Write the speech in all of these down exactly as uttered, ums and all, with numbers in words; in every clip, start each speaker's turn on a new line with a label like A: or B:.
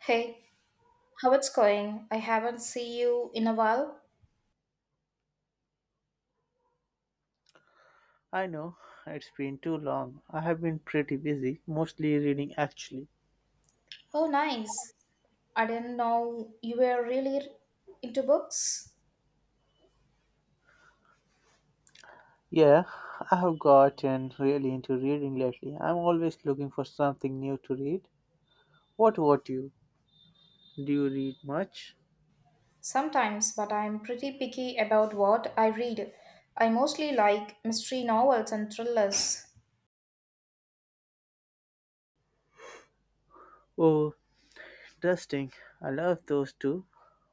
A: Hey, how it's going? I haven't seen you in a while.
B: I know, it's been too long. I have been pretty busy, mostly reading actually.
A: Oh, nice. I didn't know you were really into books.
B: Yeah, I have gotten really into reading lately. I'm always looking for something new to read. What about you? Do you read much?
A: Sometimes, but I'm pretty picky about what I read. I mostly like mystery novels and thrillers.
B: Oh, interesting. I love those too.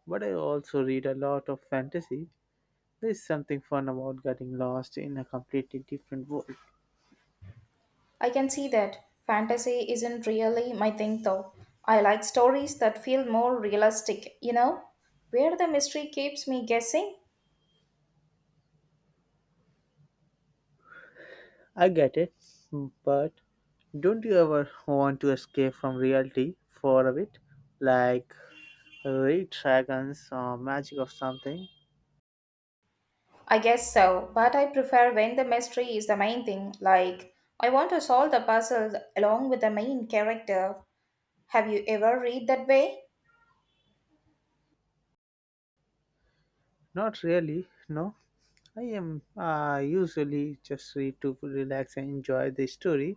B: But I also read a lot of fantasy. There's something fun about getting lost in a completely different world.
A: I can see that. Fantasy isn't really my thing though. I like stories that feel more realistic, you know, where the mystery keeps me guessing.
B: I get it, but don't you ever want to escape from reality for a bit? Like Red Dragon's uh, magic of something?
A: I guess so, but I prefer when the mystery is the main thing. Like, I want to solve the puzzle along with the main character. Have you ever read that way?
B: Not really, no. I am uh, usually just read to relax and enjoy the story.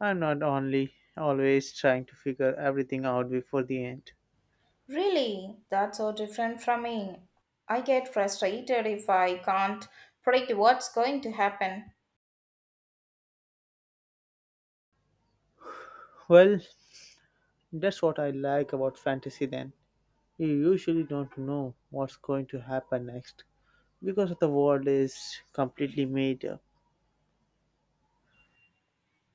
B: I'm not only always trying to figure everything out before the end.
A: Really? That's so different from me. I get frustrated if I can't predict what's going to happen.
B: Well, that's what I like about fantasy then. You usually don't know what's going to happen next because the world is completely made up.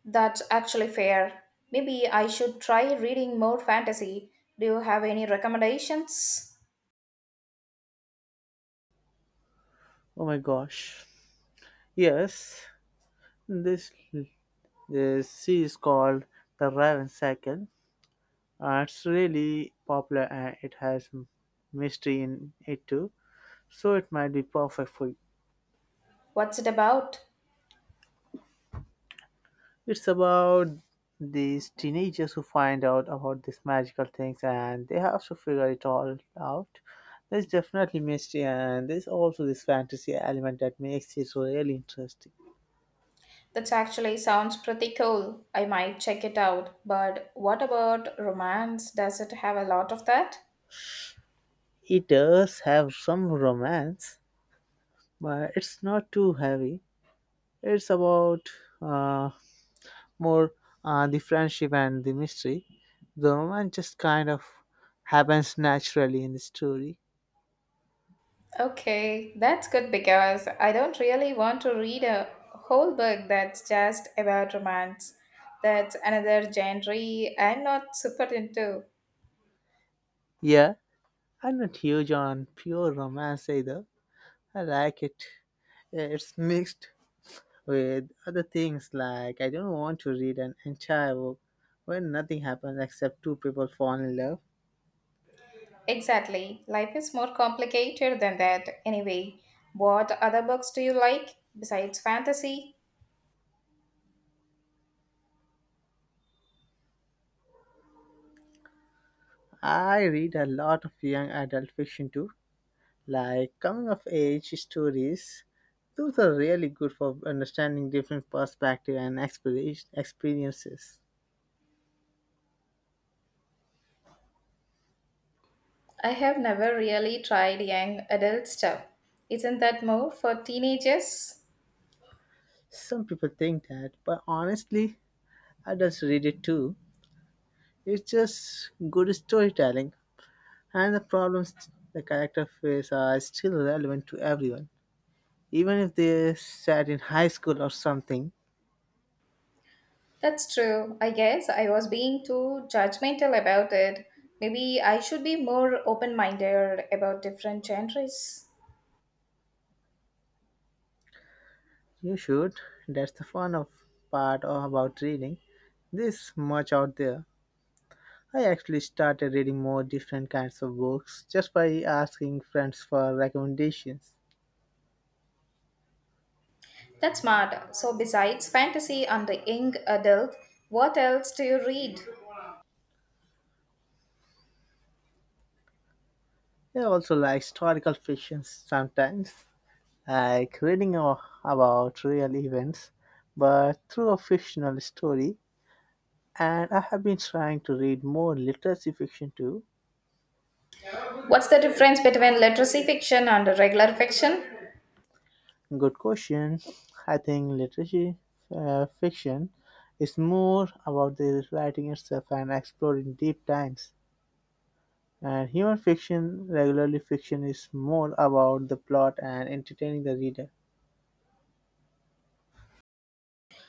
A: That's actually fair. Maybe I should try reading more fantasy. Do you have any recommendations?
B: Oh my gosh. Yes, this, this sea is called the Raven Cycle. Uh, it's really popular and it has m- mystery in it too, so it might be perfect for you.
A: What's it about?
B: It's about these teenagers who find out about these magical things and they have to figure it all out. There's definitely mystery and there's also this fantasy element that makes it so really interesting.
A: That actually sounds pretty cool. I might check it out. But what about romance? Does it have a lot of that?
B: It does have some romance, but it's not too heavy. It's about uh, more, uh, the friendship and the mystery. The romance just kind of happens naturally in the story.
A: Okay, that's good because I don't really want to read a whole book that's just about romance. That's another genre I'm not super into.
B: Yeah, I'm not huge on pure romance either. I like it. Yeah, it's mixed with other things, like I don't want to read an entire book where nothing happens except two people fall in love.
A: Exactly. Life is more complicated than that, anyway. What other books do you like besides fantasy?
B: I read a lot of young adult fiction too, like coming of age stories. Those are really good for understanding different perspectives and experi- experiences.
A: I have never really tried young adult stuff. Isn't that more for teenagers?
B: Some people think that, but honestly, adults read it too. It's just good storytelling, and the problems the character face are still relevant to everyone, even if they sat in high school or something.
A: That's true. I guess I was being too judgmental about it. Maybe I should be more open minded about different genres.
B: You should. That's the fun of, part of about reading. This much out there. I actually started reading more different kinds of books just by asking friends for recommendations.
A: That's smart. So, besides fantasy and the young adult, what else do you read?
B: I also like historical fiction sometimes, like reading a- about real events, but through a fictional story. And I have been trying to read more literacy fiction too.
A: What's the difference between literacy fiction and regular fiction?
B: Good question. I think literacy uh, fiction is more about the writing itself and exploring deep times. And human fiction, regularly fiction, is more about the plot and entertaining the reader.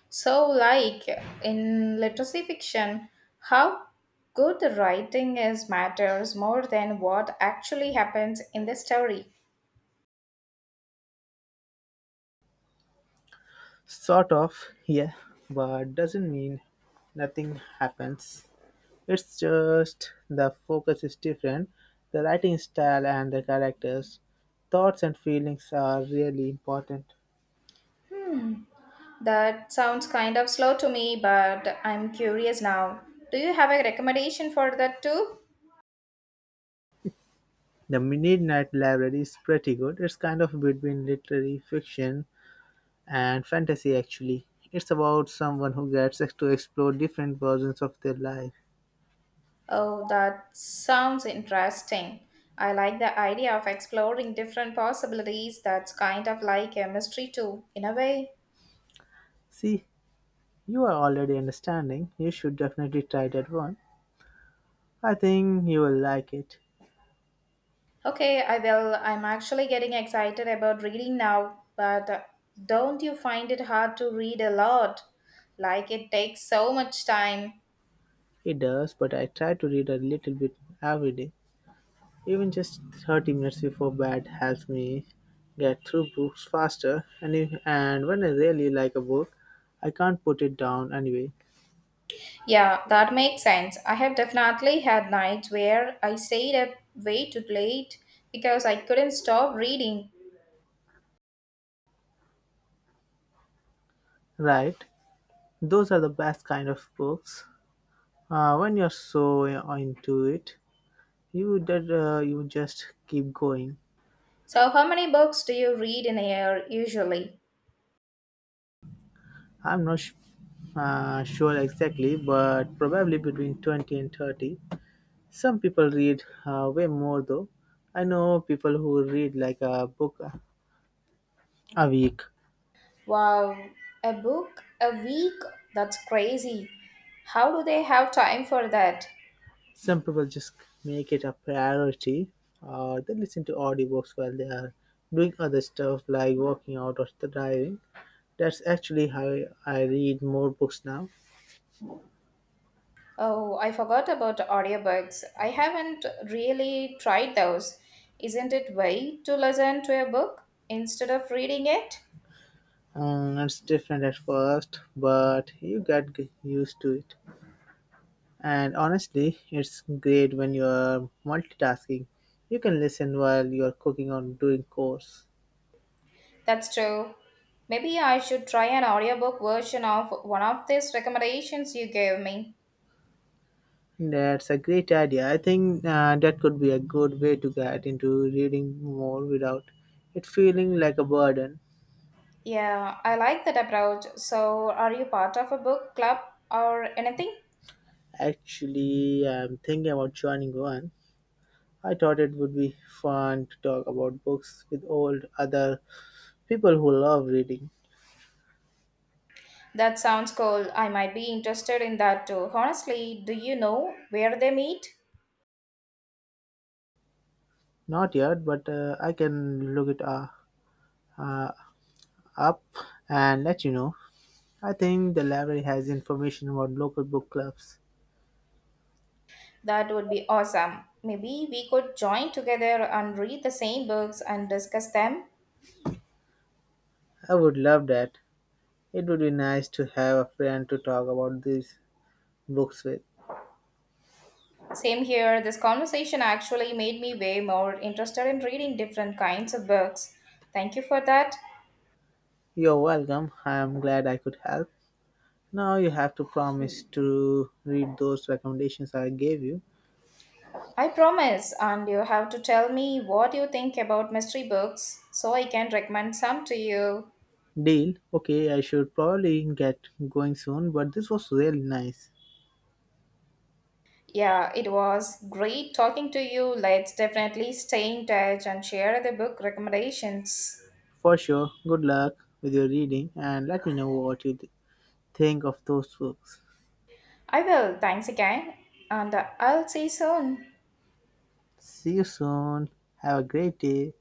A: So, like in literacy fiction, how good the writing is matters more than what actually happens in the story.
B: Sort of, yeah, but doesn't mean nothing happens. It's just the focus is different, the writing style and the characters, thoughts and feelings are really important.
A: That sounds kind of slow to me, but I'm curious now. Do you have a recommendation for that too?
B: The Midnight Library is pretty good. It's kind of between literary fiction and fantasy, actually. It's about someone who gets to explore different versions of their life.
A: Oh, that sounds interesting. I like the idea of exploring different possibilities. That's kind of like a mystery too, in a way.
B: See, you are already understanding. You should definitely try that one. I think you will like it.
A: Okay, I will. I'm actually getting excited about reading now, but uh, don't you find it hard to read a lot? Like it takes so much time.
B: It does, but I try to read a little bit every day. Even just thirty minutes before bed helps me get through books faster. And, if, and when I really like a book, I can't put it down anyway.
A: Yeah, that makes sense. I have definitely had nights where I stayed up way too late because I couldn't stop reading.
B: Right? Those are the best kind of books. Uh, when you're so into it, you, that, uh, you just keep going.
A: So, how many books do you read in a year usually?
B: I'm not sh- uh, sure exactly, but probably between twenty and thirty. Some people read uh, way more, though. I know people who read like a book a week.
A: Wow, a book a week? That's crazy. How do they have time for that?
B: Some people just make it a priority. Uh, they listen to audiobooks while they are doing other stuff like working out or driving. That's actually how I read more books now.
A: Oh, I forgot about audiobooks. I haven't really tried those. Isn't it way to listen to a book instead of reading it?
B: Um, it's different at first, but you get g- used to it. And honestly, it's great when you're multitasking. You can listen while you're cooking or doing chores.
A: That's true. Maybe I should try an audiobook version of one of these recommendations you gave me.
B: That's a great idea. I think uh, that could be a good way to get into reading more without it feeling like a burden.
A: Yeah, I like that approach. So, are you part of a book club or anything?
B: Actually, I'm thinking about joining one. I thought it would be fun to talk about books with old other people who love reading.
A: That sounds cool. I might be interested in that too. Honestly, do you know where they meet?
B: Not yet, but uh, I can look it uh, uh, up and let you know. I think the library has information about local book clubs.
A: That would be awesome. Maybe we could join together and read the same books and discuss them.
B: I would love that. It would be nice to have a friend to talk about these books with.
A: Same here, this conversation actually made me way more interested in reading different kinds of books. Thank you for that.
B: You're welcome. I am glad I could help. Now you have to promise to read those recommendations I gave you.
A: I promise, and you have to tell me what you think about mystery books so I can recommend some to you.
B: Deal. Okay, I should probably get going soon, but this was really nice.
A: Yeah, it was great talking to you. Let's definitely stay in touch and share the book recommendations.
B: For sure. Good luck with your reading and let me know what you th- think of those books.
A: I will. Thanks again, and uh, I'll see you soon.
B: See you soon. Have a great day.